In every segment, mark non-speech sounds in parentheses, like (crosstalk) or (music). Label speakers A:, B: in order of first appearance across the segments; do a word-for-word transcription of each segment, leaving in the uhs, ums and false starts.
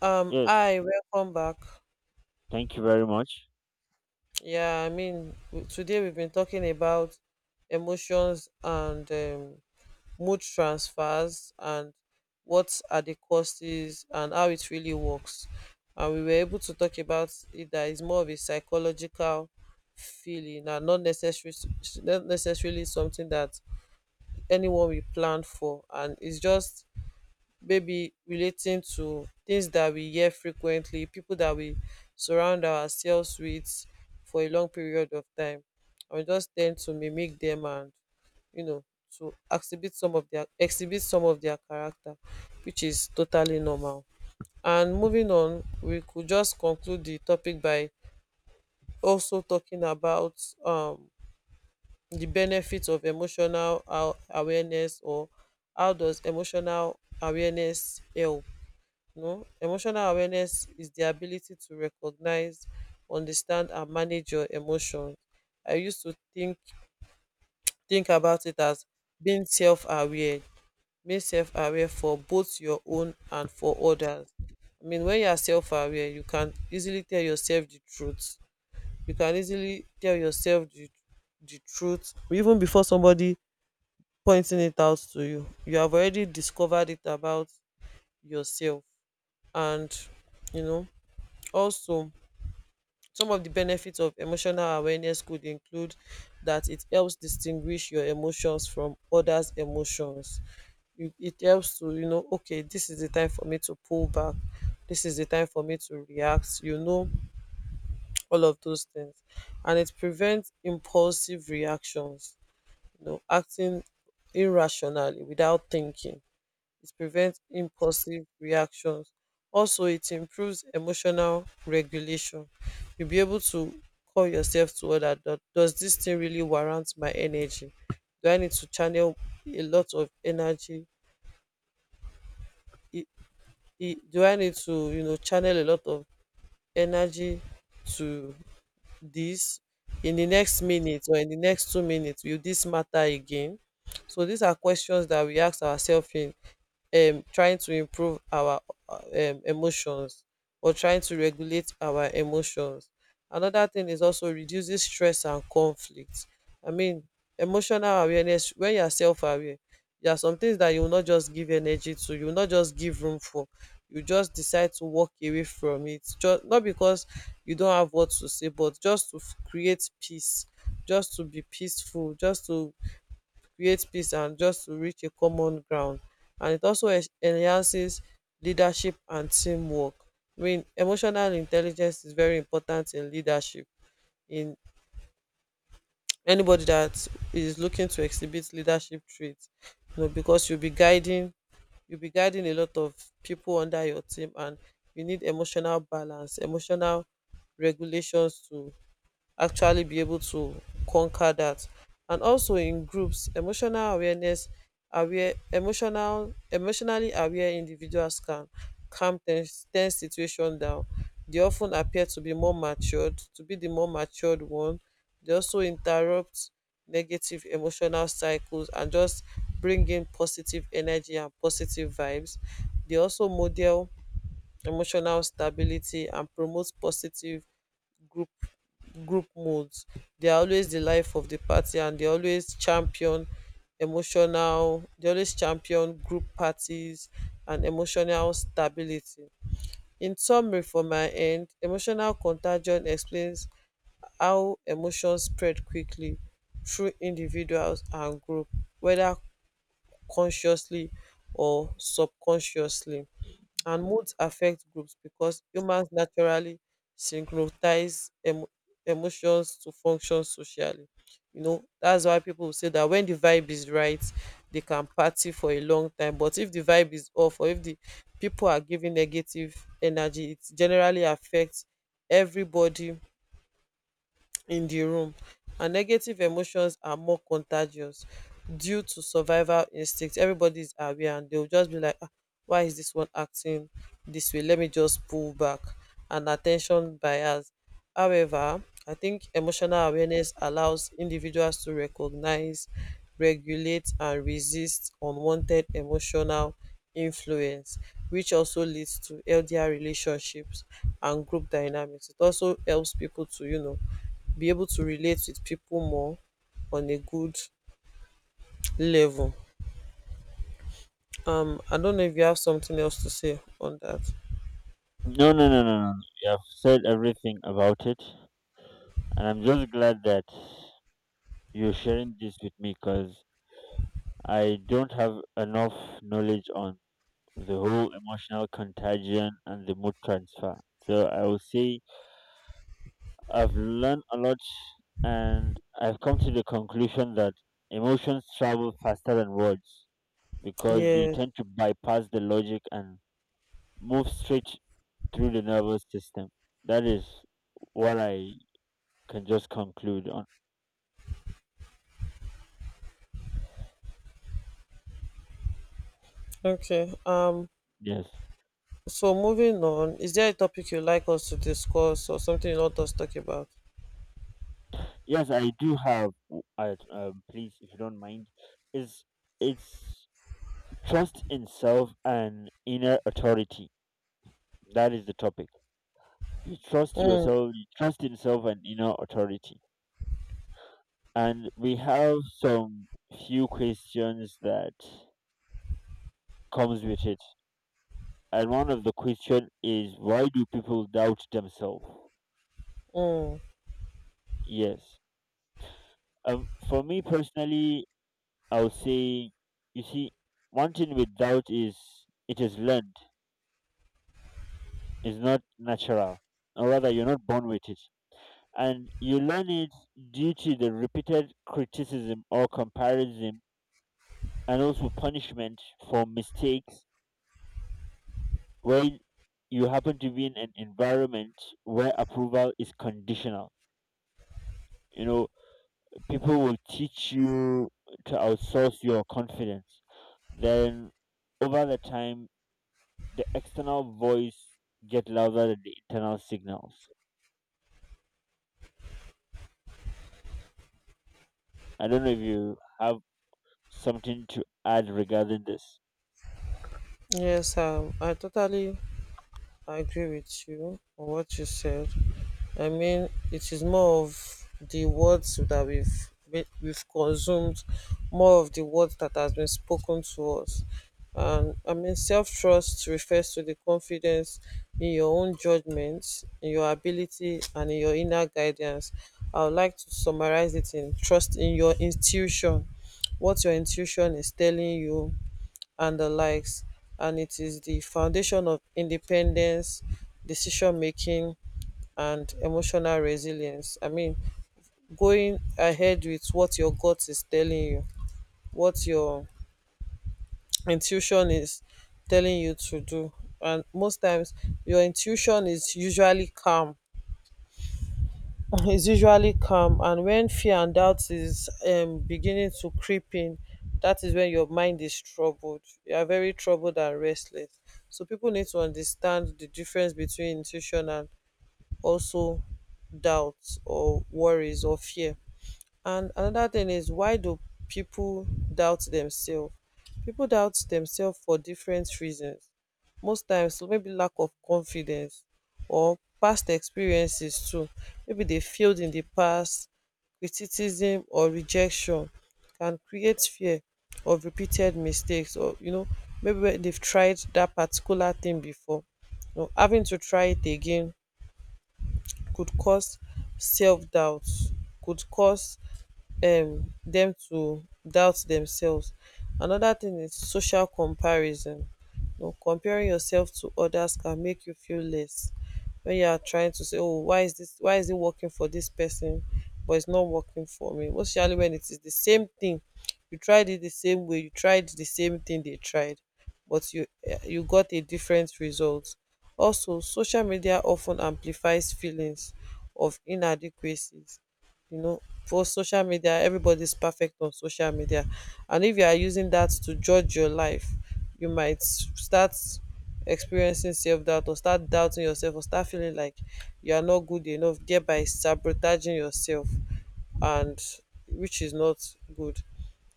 A: Um,
B: Yes,
A: hi, welcome back.
B: thank you very much.
A: Yeah, I mean, w- today we've been talking about emotions and um, mood transfers and what are the causes and how it really works. And we were able to talk about it that is more of a psychological feeling and not necessarily not necessarily something that anyone will plan for. And it's just maybe relating to things that we hear frequently, people that we surround ourselves with for a long period of time. I just tend to mimic them and you know to exhibit some of their exhibit some of their character, which is totally normal. And moving on, we could just conclude the topic by also talking about um the benefits of emotional aw- awareness or how does emotional awareness help. No, emotional awareness is the ability to recognize, understand, and manage your emotions. I used to think think about it as being self-aware, being self-aware for both your own and for others. I mean, when you are self-aware, you can easily tell yourself the truth. You can easily tell yourself the the truth, even before somebody pointing it out to you. You have already discovered it about yourself, and you know also some of the benefits of emotional awareness could include that it helps distinguish your emotions from others' emotions. You- It helps to, you know, okay, this is the time for me to pull back. This is the time for me to react, you know, (tsk) all of those things. And it prevents impulsive reactions, you know, acting irrationally without thinking, it prevents impulsive reactions. Also, it improves emotional regulation. You'll be able to call yourself to order. "Do- does this thing really warrant my energy? Do I need to channel a lot of energy? I- I- do I need to, you know, channel a lot of energy to this? In the next minute or in the next two minutes, will this matter again? So these are questions that we ask ourselves in um trying to improve our uh, um emotions, or trying to regulate our emotions. Another thing is, also reduces stress and conflict. I mean, emotional awareness, when you are self aware, there are some things that you will not just give energy to, you will not just give room for. You just decide to walk away from it. Just not because you don't have what to say, but just to f- create peace, just to be peaceful, just to create peace and just to reach a common ground. And it also es- enhances leadership and teamwork. I mean, emotional intelligence is very important in leadership, in anybody that is looking to exhibit leadership traits, you know, because you'll be guiding, you'll be guiding a lot of people under your team, and you need emotional balance, emotional regulations to actually be able to conquer that. And also, in groups, emotional awareness aware emotional emotionally aware individuals can calm tense, tense situation down. They often appear to be more matured to be the more matured one. They also interrupt negative emotional cycles and just bring in positive energy and positive vibes. They also model emotional stability and promote positive group group modes. They are always the life of the party, and they always champion emotional they always champion group parties and emotional stability. In summary, for my end, emotional contagion explains how emotions spread quickly through individuals and group, whether consciously or subconsciously. And moods affect groups because humans naturally synchronize emo- emotions to function socially. You know, that's why people will say that when the vibe is right, they can party for a long time, but if the vibe is off, or if the people are giving negative energy, it generally affects everybody in the room. And negative emotions are more contagious due to survival instinct. Everybody is aware, and they'll just be like, "Ah, why is this one acting this way? Let me just pull back." And attention bias. However, I think emotional awareness allows individuals to recognize, regulate, and resist unwanted emotional influence, which also leads to healthier relationships and group dynamics. It also helps people to, you know, be able to relate with people more on a good level. Um, I don't know if you have something else to say on that.
B: No, no, no, no, no, no. You have said everything about it, and I'm just glad that you're sharing this with me because I don't have enough knowledge on the whole emotional contagion and the mood transfer. So I will say I've learned a lot, and I've come to the conclusion that emotions travel faster than words because they
A: Yeah.
B: tend to bypass the logic and move straight through the nervous system. That is what I can just conclude on.
A: Okay. Um.
B: Yes,
A: So moving on, is there a topic you like us to discuss or something you want us to talk about?
B: yes, I do have. w- I, um, please, if you don't mind, is it's trust in self and inner authority. That is the topic. You trust
A: Mm,
B: yourself. You trust in self and inner authority. And we have some few questions that comes with it. And one of the question is why do people doubt themselves?
A: mm.
B: Yes. Um, for me personally, I would say, you see, one thing with doubt is it is learned, it's not natural, or rather, you're not born with it. And you learn it due to the repeated criticism or comparison and also punishment for mistakes when you happen to be in an environment where approval is conditional. You know, people will teach you to outsource your confidence. Then over the time, the external voice get louder than the internal signals. I don't know if you have something to add regarding this.
A: Yes. Um. I totally I agree with you on what you said. I mean, it is more of the words that we've we- we've consumed, more of the words that has been spoken to us. And I mean, self trust refers to the confidence in your own judgments, in your ability, and in your inner guidance. I would like to summarize it in trust in your intuition, what your intuition is telling you and the likes. And it is the foundation of independence, decision making, and emotional resilience. I mean, going ahead with what your gut is telling you, what your intuition is telling you to do. And most times, your intuition is usually calm (laughs) is usually calm, and when fear and doubt is um beginning to creep in, that is when your mind is troubled. You are very troubled and restless. So people need to understand the difference between intuition and also doubt, or worries, or fear. And another thing is, why do people doubt themselves? People doubt themselves for different reasons. Most times, maybe lack of confidence, or past experiences too. Maybe they failed in the past, criticism or rejection can create fear of repeated mistakes, or you know, maybe when they've tried that particular thing before. You know, having to try it again could cause self-doubt, could cause um them to doubt themselves. Another thing is social comparison. You know, comparing yourself to others can make you feel less, when you are trying to say, oh, why is this why is it working for this person but it's not working for me, especially when it is the same thing. You tried it the same way you tried the same thing they tried, but you, eh, you got a different result. Also, social media of ten amplifies feelings of inadequacies. um for social media, everybody's perfect on social media, and if you are using that to judge your life, you might s- start experiencing self-doubt, or start doubting yourself, or start feeling like you are not good enough, thereby sabotaging yourself, and which is not good.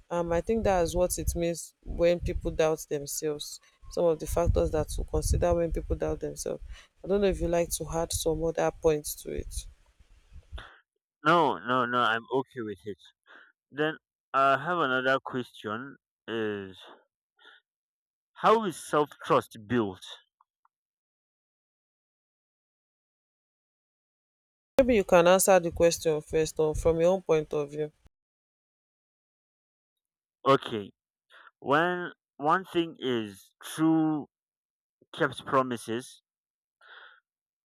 A: Um, I think that is what it means when people doubt themselves. Some of the factors that to consider when people doubt themselves. I don't know if you like to add some other points to it.
B: No, no, no, I'm okay with it. Then I have another question is how is self-trust built?
A: Maybe you can answer the question first on from your own point of view.
B: Okay. When one thing is true kept promises,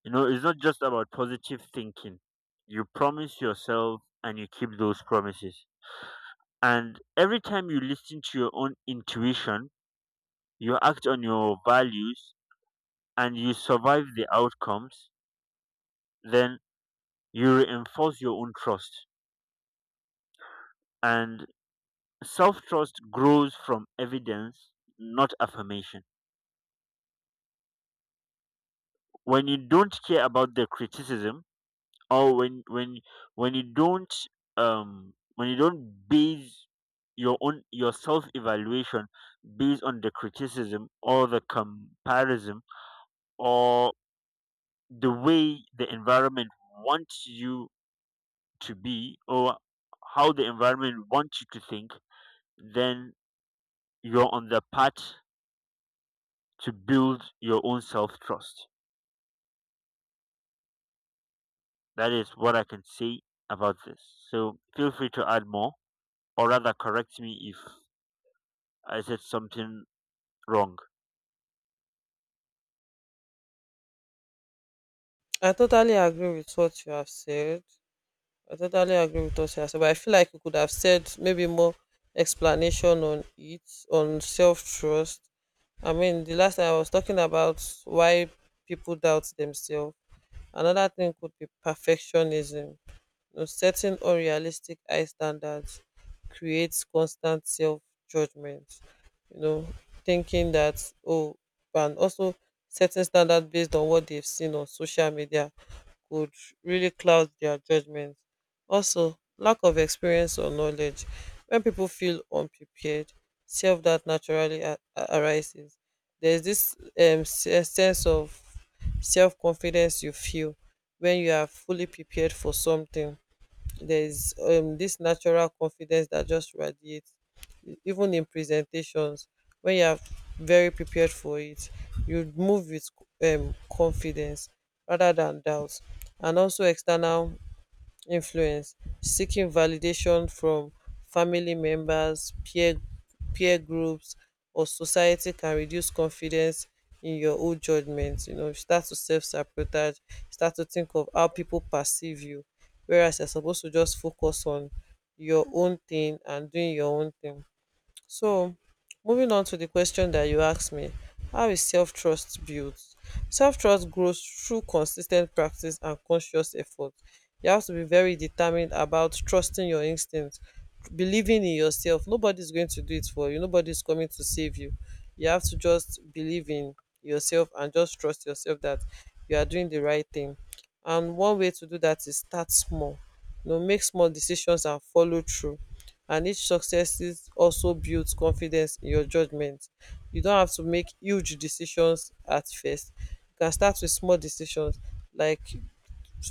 B: you know, it's not just about positive thinking. You promise yourself and you keep those promises. And every time you listen to your own intuition, you act on your values and you survive the outcomes, then you reinforce your own trust. And self trust grows from evidence, not affirmation. When you don't care about the criticism, or when when when you don't um when you don't base your own your self evaluation based on the criticism or the comparison or the way the environment wants you to be or how the environment wants you to think, then you're on the path to build your own self trust. That is what I can say about this. So feel free to add more, or rather, correct me if I said something wrong.
A: I totally agree with what you have said. I totally agree with what you have said, but I feel like you could have said maybe more explanation on it, on self trust. I mean, the last time I was talking about why people doubt themselves. Another thing could be perfectionism. You know, setting unrealistic high standards creates constant self judgment. You know, thinking that, oh, and also setting standards based on what they've seen on social media could really cloud their judgment. Also, lack of experience or knowledge. When people feel unprepared, self doubt naturally a- a- arises. There's this um, s- sense of self confidence you feel when you are fully prepared for something. There's um this natural confidence that just radiates. E- even in presentations, when you are very prepared for it, you move with um confidence rather than doubt. And also external influence, seeking validation from family members, peer peer groups, or society, can reduce confidence in your own judgment. You know, you start to self sabotage, start to think of how people perceive you, whereas you're supposed to just focus on your own thing and doing your own thing. So, moving on to the question that you asked me, how is self-trust built? Self-trust grows through consistent practice and conscious effort. You have to be very determined about trusting your instincts, believing in yourself. Nobody's going to do it for you. Nobody's coming to save you. You have to just believe in yourself and just trust yourself that you are doing the right thing. And one way to do that is start small. You know, make small decisions and follow through. And each success is also builds confidence in your judgment. You don't have to make huge decisions at first. You can start with small decisions, like,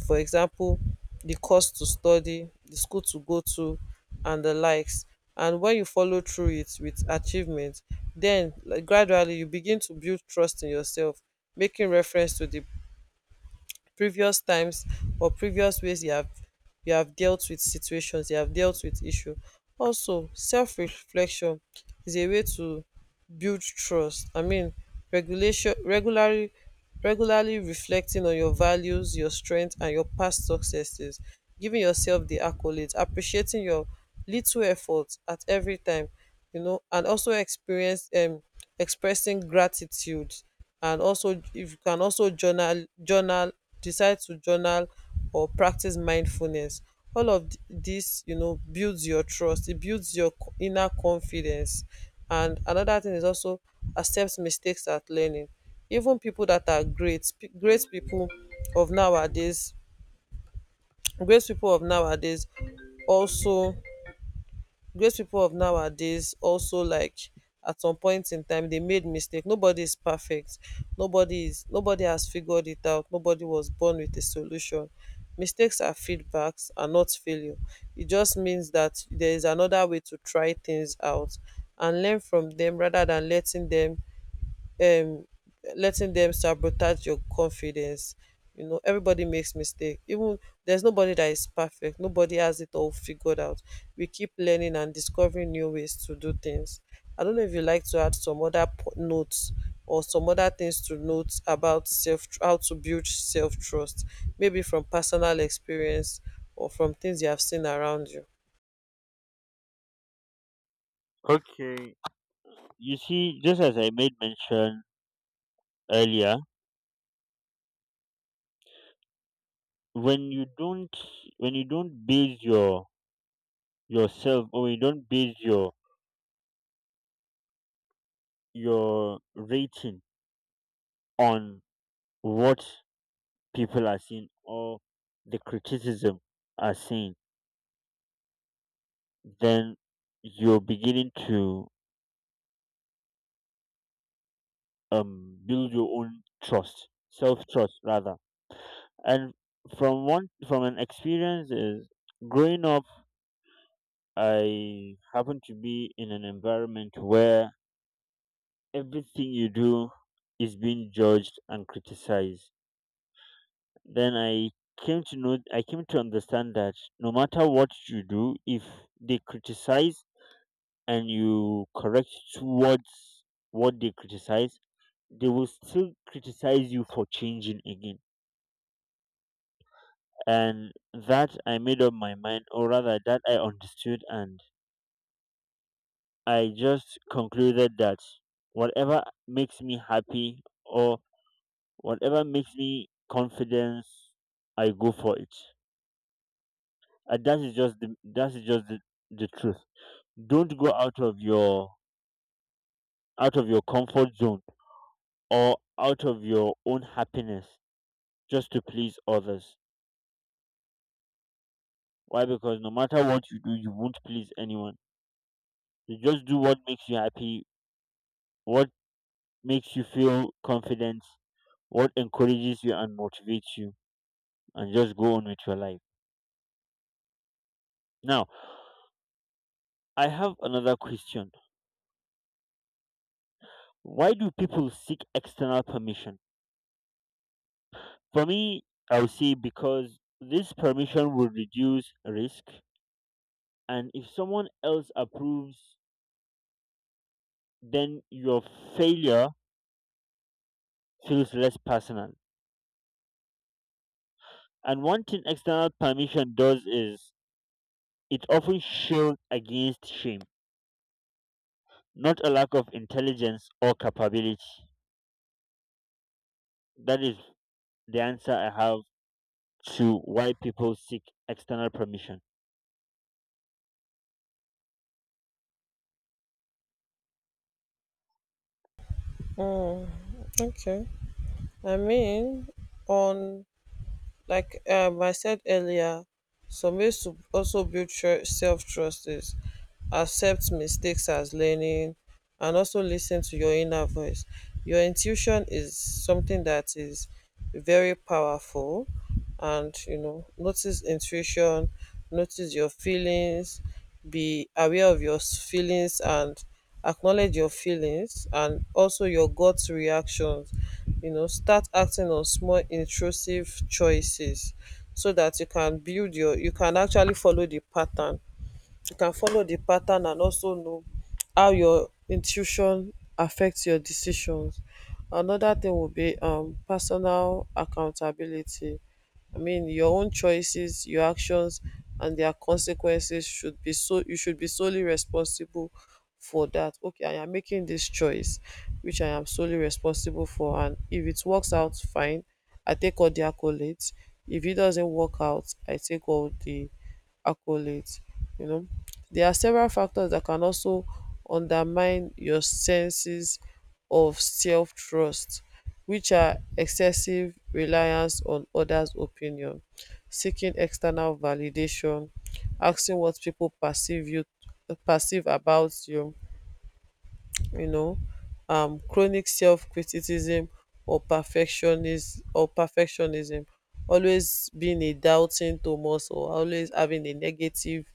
A: for example, the course to study, the school to go to, and the likes. And when you follow through it with achievement, then like, gradually you begin to build trust in yourself, making reference to the previous times or previous ways you have you have dealt with situations, you have dealt with issue. Also self-reflection is a way to build trust. I mean regulation Regularly regularly reflecting on your values, your strengths and your past successes, giving yourself the accolades, appreciating your little efforts at every time. You know, and also experience um expressing gratitude. And also if you can, also journal journal decide to journal or practice mindfulness. All of th- this, you know, builds your trust, it builds your co- inner confidence. And another thing is also accept mistakes at learning. Even people that are great pe- great people of nowadays, great people of nowadays also great people of nowadays also, like, at some point in time they made mistake. Nobody is perfect. Nobody is nobody has figured it out. Nobody was born with a solution. Mistakes are feedbacks, are not failure. It just means that there is another way to try things out and learn from them, rather than letting them um letting them sabotage your confidence. You know, everybody makes mistake. Even there's nobody that is perfect. Nobody has it all figured out. We keep learning and discovering new ways to do things. I don't know if you like to add some other po- notes or some other things to note about self, how to build self trust, maybe from personal experience or from things you have seen around you.
B: Okay, you see, just as I made mention earlier, when you don't when you don't base your yourself or you don't base your your rating on what people are seeing or the criticism are seeing, then you're beginning to um, build your own trust, self trust rather. And from one from an experience is growing up, I happen to be in an environment where everything you do is being judged and criticized. Then I came to know I came to understand that no matter what you do, if they criticize and you correct towards what they criticize, they will still criticize you for changing again. And that I made up my mind, or rather, that I understood, and I just concluded that whatever makes me happy or whatever makes me confidence, I go for it. And that is just the, that is just the, the truth. Don't go out of your out of your comfort zone or out of your own happiness just to please others. Why? Because no matter what you do, you won't please anyone. You just do what makes you happy, what makes you feel confident, what encourages you and motivates you, and just go on with your life. Now, I have another question. Why do people seek external permission? For me, I would say because this permission will reduce risk, and if someone else approves, then your failure feels less personal. And one thing external permission does is it often shields against shame, not a lack of intelligence or capability. That is the answer I have to why people seek external permission.
A: Mm, okay. I mean, on, like, um I said earlier, some ways to also build tru- self-trust is accept mistakes as learning, and also listen to your inner voice. Your intuition is something that is very powerful. And, you know, notice intuition, notice your feelings, be aware of your s- feelings and acknowledge your feelings and also your gut reactions. You know, start acting on small intrusive choices so that you can build your, you can actually follow the pattern. You can follow the pattern and also know how your intuition affects your decisions. Another thing will be um personal accountability. I mean, your own choices, your actions and their consequences should be, so you should be solely responsible for that. Okay, I am making this choice which I am solely responsible for, and if it works out fine, I take all the accolades. If it doesn't work out, I take all the accolades. You know, there are several factors that can also undermine your senses of self trust, which are excessive reliance on others' opinion, seeking external validation, asking what people perceive you, perceive about you, um um chronic self-criticism or perfectionism or perfectionism, always being a doubting thomas, or always having a negative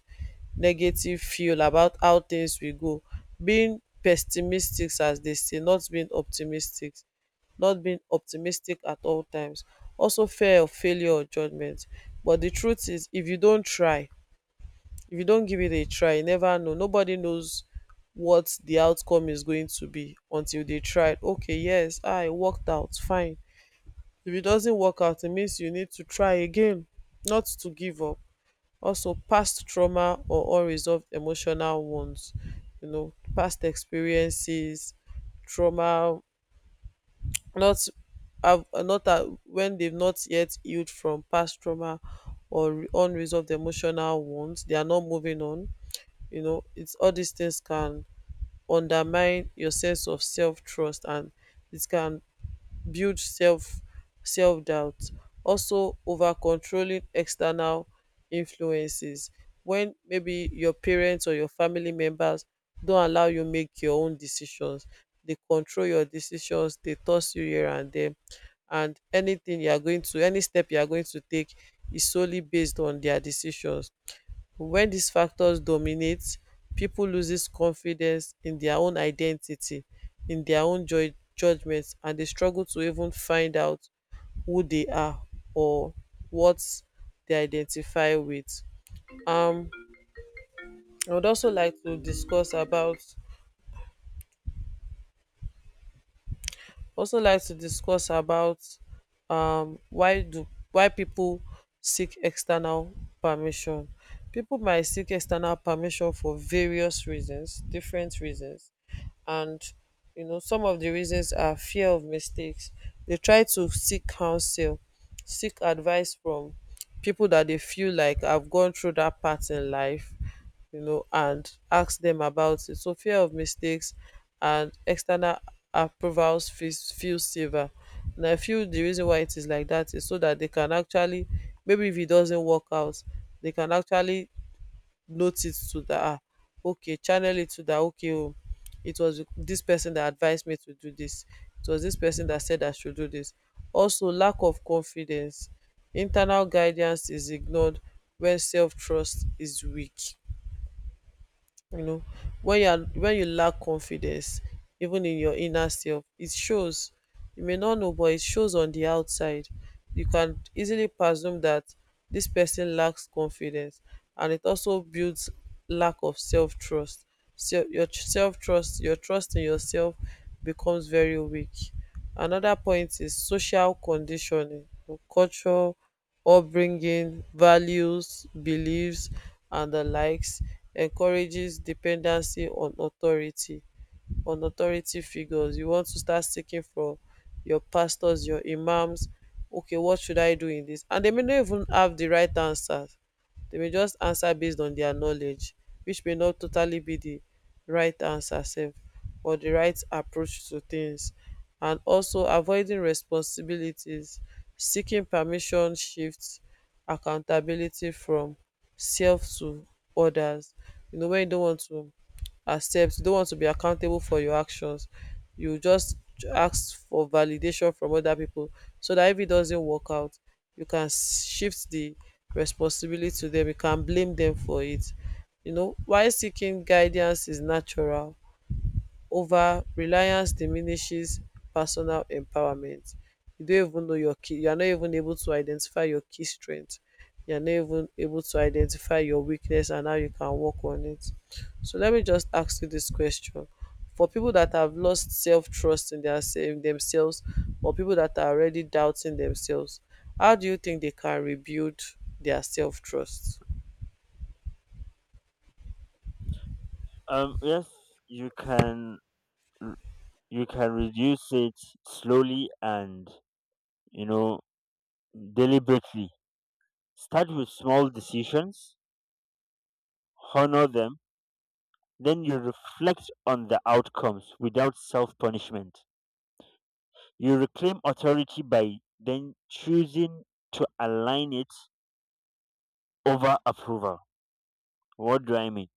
A: negative feel about how things will go, being pessimistic as they say, not being optimistic, not being optimistic at all times. Also fear of failure or judgment. But the truth is, if you don't try, if you don't give it a try, you never know. Nobody knows what the outcome is going to be until they tried. Okay, yes, I worked out fine. If it doesn't work out, it means you need to try again, not to give up. Also past trauma or unresolved emotional wounds. You know, past experiences, trauma, not, have not, uh, when they've not yet healed from past trauma or re- unresolved emotional wounds, they are not moving on. You know, it's all these things can undermine your sense of self trust, and it can build self self doubt. Also over controlling external influences, when maybe your parents or your family members don't allow you make your own decisions, they control your decisions, they toss you here and there, and anything you are going to, any step you are going to take is solely based on their decisions. When these factors dominate, people loses confidence in their own identity, in their own ju- judgment, and they struggle to even find out who they are, or what they identify with. Um, I would also like to discuss about also like to discuss about um why do, why people seek external permission. People might seek external permission for various reasons, different reasons. And, you know, some of the reasons are fear of mistakes. They try to seek counsel, seek advice from people that they feel like have gone through that part in life, you know, and ask them about it. So fear of mistakes, and external approvals feels feel safer. And I feel the reason why it is like that is so that they can actually, maybe if it doesn't work out, they can actually note it to that, ah, okay, channel it to that, okay, oh, it was this person that advised me to do this, it was this person that said I should do this. Also lack of confidence. Internal guidance is ignored when self-trust is weak. You know, when you are, when you lack confidence even in your inner self, it shows. You may not know, but it shows on the outside. You can easily presume that this person lacks confidence. And it also builds lack of self-trust. So your self-trust, your trust in yourself, becomes very weak. Another point is social conditioning or culture, upbringing, values, beliefs and the likes, encourages dependency on authority, on authority figures. You want to start seeking from your pastors, your imams, okay, what should I do in this, and they may not even have the right answers. They may just answer based on their knowledge, which may not totally be the right answer sef, or the right approach to things. And also avoiding responsibilities. Seeking permission shifts accountability from self to others. You know, when you don't want to accept, you don't want to be accountable for your actions, you just ask for validation from other people, so that if it doesn't work out, you can s- shift the responsibility to them, you can blame them for it. You know, while seeking guidance is natural, over-reliance diminishes personal empowerment. You don't even know your key, you are not even able to identify your key strength, you're not even able to identify your weakness and how you can work on it. So let me just ask you this question. For people that have lost self-trust in their in themselves, or people that are already doubting themselves, how do you think they can rebuild their self-trust?
B: Um, yes, you can you can reduce it slowly and you know deliberately. Start with small decisions, honor them, then you reflect on the outcomes without self punishment. You reclaim authority by then choosing to align it over approval. What do I mean?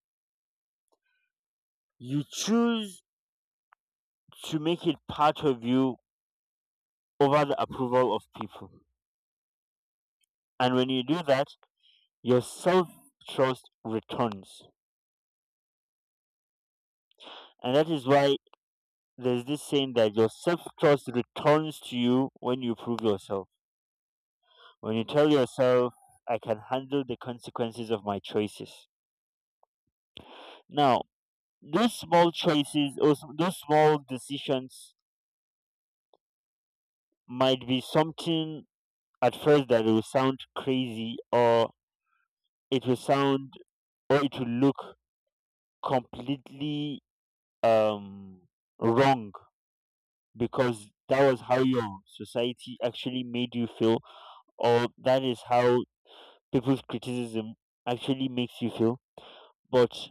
B: You choose to make it part of you over the approval of people. And when you do that, your self trust returns. And that is why there's this saying that your self trust returns to you when you prove yourself. When you tell yourself, I can handle the consequences of my choices. Now, those small choices or those small decisions might be something at first that will sound crazy or it will sound or it will look completely um wrong because that was how your society actually made you feel or that is how people's criticism actually makes you feel, but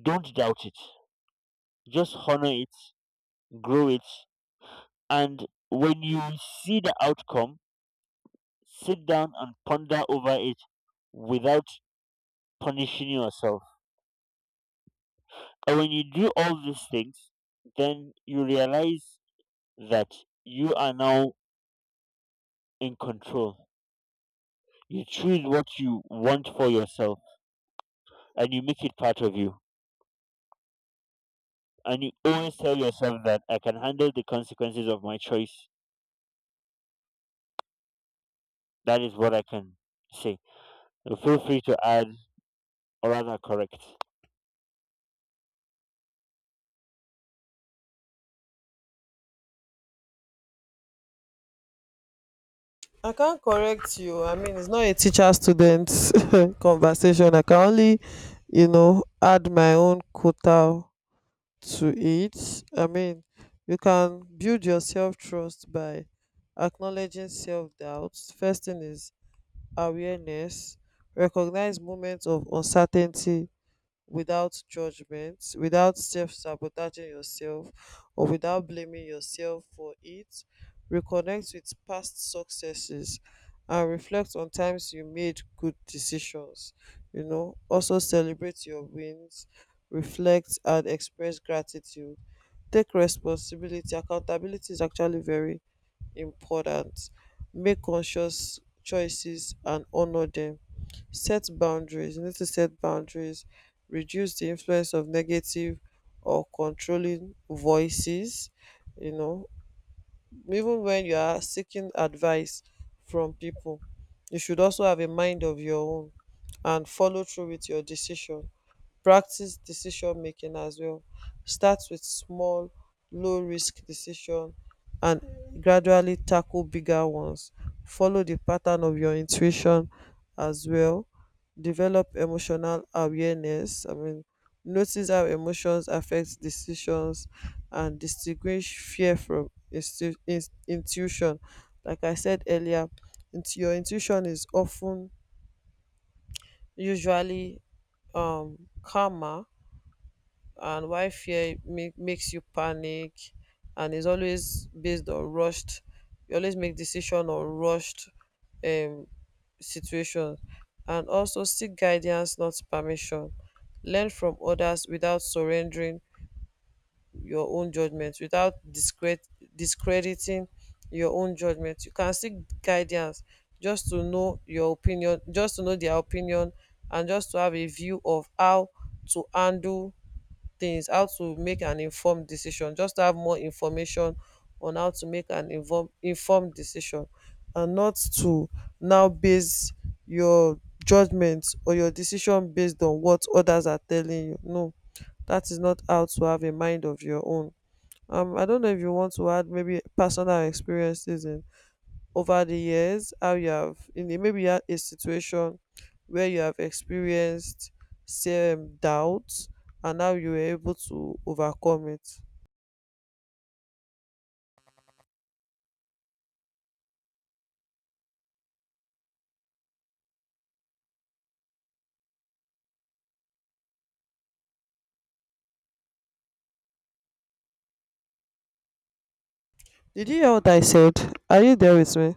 B: don't doubt it, just honor it, grow it, and when you see the outcome, sit down and ponder over it without punishing yourself. And when you do all these things, then you realize that you are now in control. You choose what you want for yourself and you make it part of you. And you always tell yourself that I can handle the consequences of my choice. That is what I can say. So feel free to add or rather correct.
A: I can't correct you. I mean, it's not a teacher student (laughs) conversation. I can only, you know, add my own quota to it. I mean, you can build your self trust by acknowledging self doubts. First thing is awareness. Recognize moments of uncertainty without judgment, without self sabotaging yourself, or without blaming yourself for it. Reconnect with past successes and reflect on times you made good decisions. You know, also celebrate your wins, reflect, and express gratitude. Take responsibility. Accountability is actually very important. Make conscious choices and honor them. Set boundaries. You need to set boundaries, reduce the influence of negative or controlling voices. You know, even when you are seeking advice from people, you should also have a mind of your own, and follow through with your decision. Practice decision making as well. Start with small, low risk decision and gradually tackle bigger ones. Follow the pattern of your intuition as well. Develop emotional awareness. I mean, notice how emotions affect decisions and distinguish fear from instu- in- intuition. Like I said earlier, int- your intuition is often usually um calmer, and why fear make, makes you panic, and is always based on rushed, you always make decision on rushed um situations. And also seek guidance, not permission. Learn from others without surrendering your own judgment, without discredit discrediting your own judgment. You can seek guidance just to know your opinion, just to know their opinion, and just to have a view of how to handle things, how to make an informed decision, just to have more information on how to make an inform informed decision, and not to now base your judgment or your decision based on what others are telling you. No, that is not how to have a mind of your own. Um, I don't know if you want to add maybe personal experiences in over the years how you have in a, maybe you had a situation where you have experienced some doubts, and how you were able to overcome it. Did you hear what I said? Are you there with me?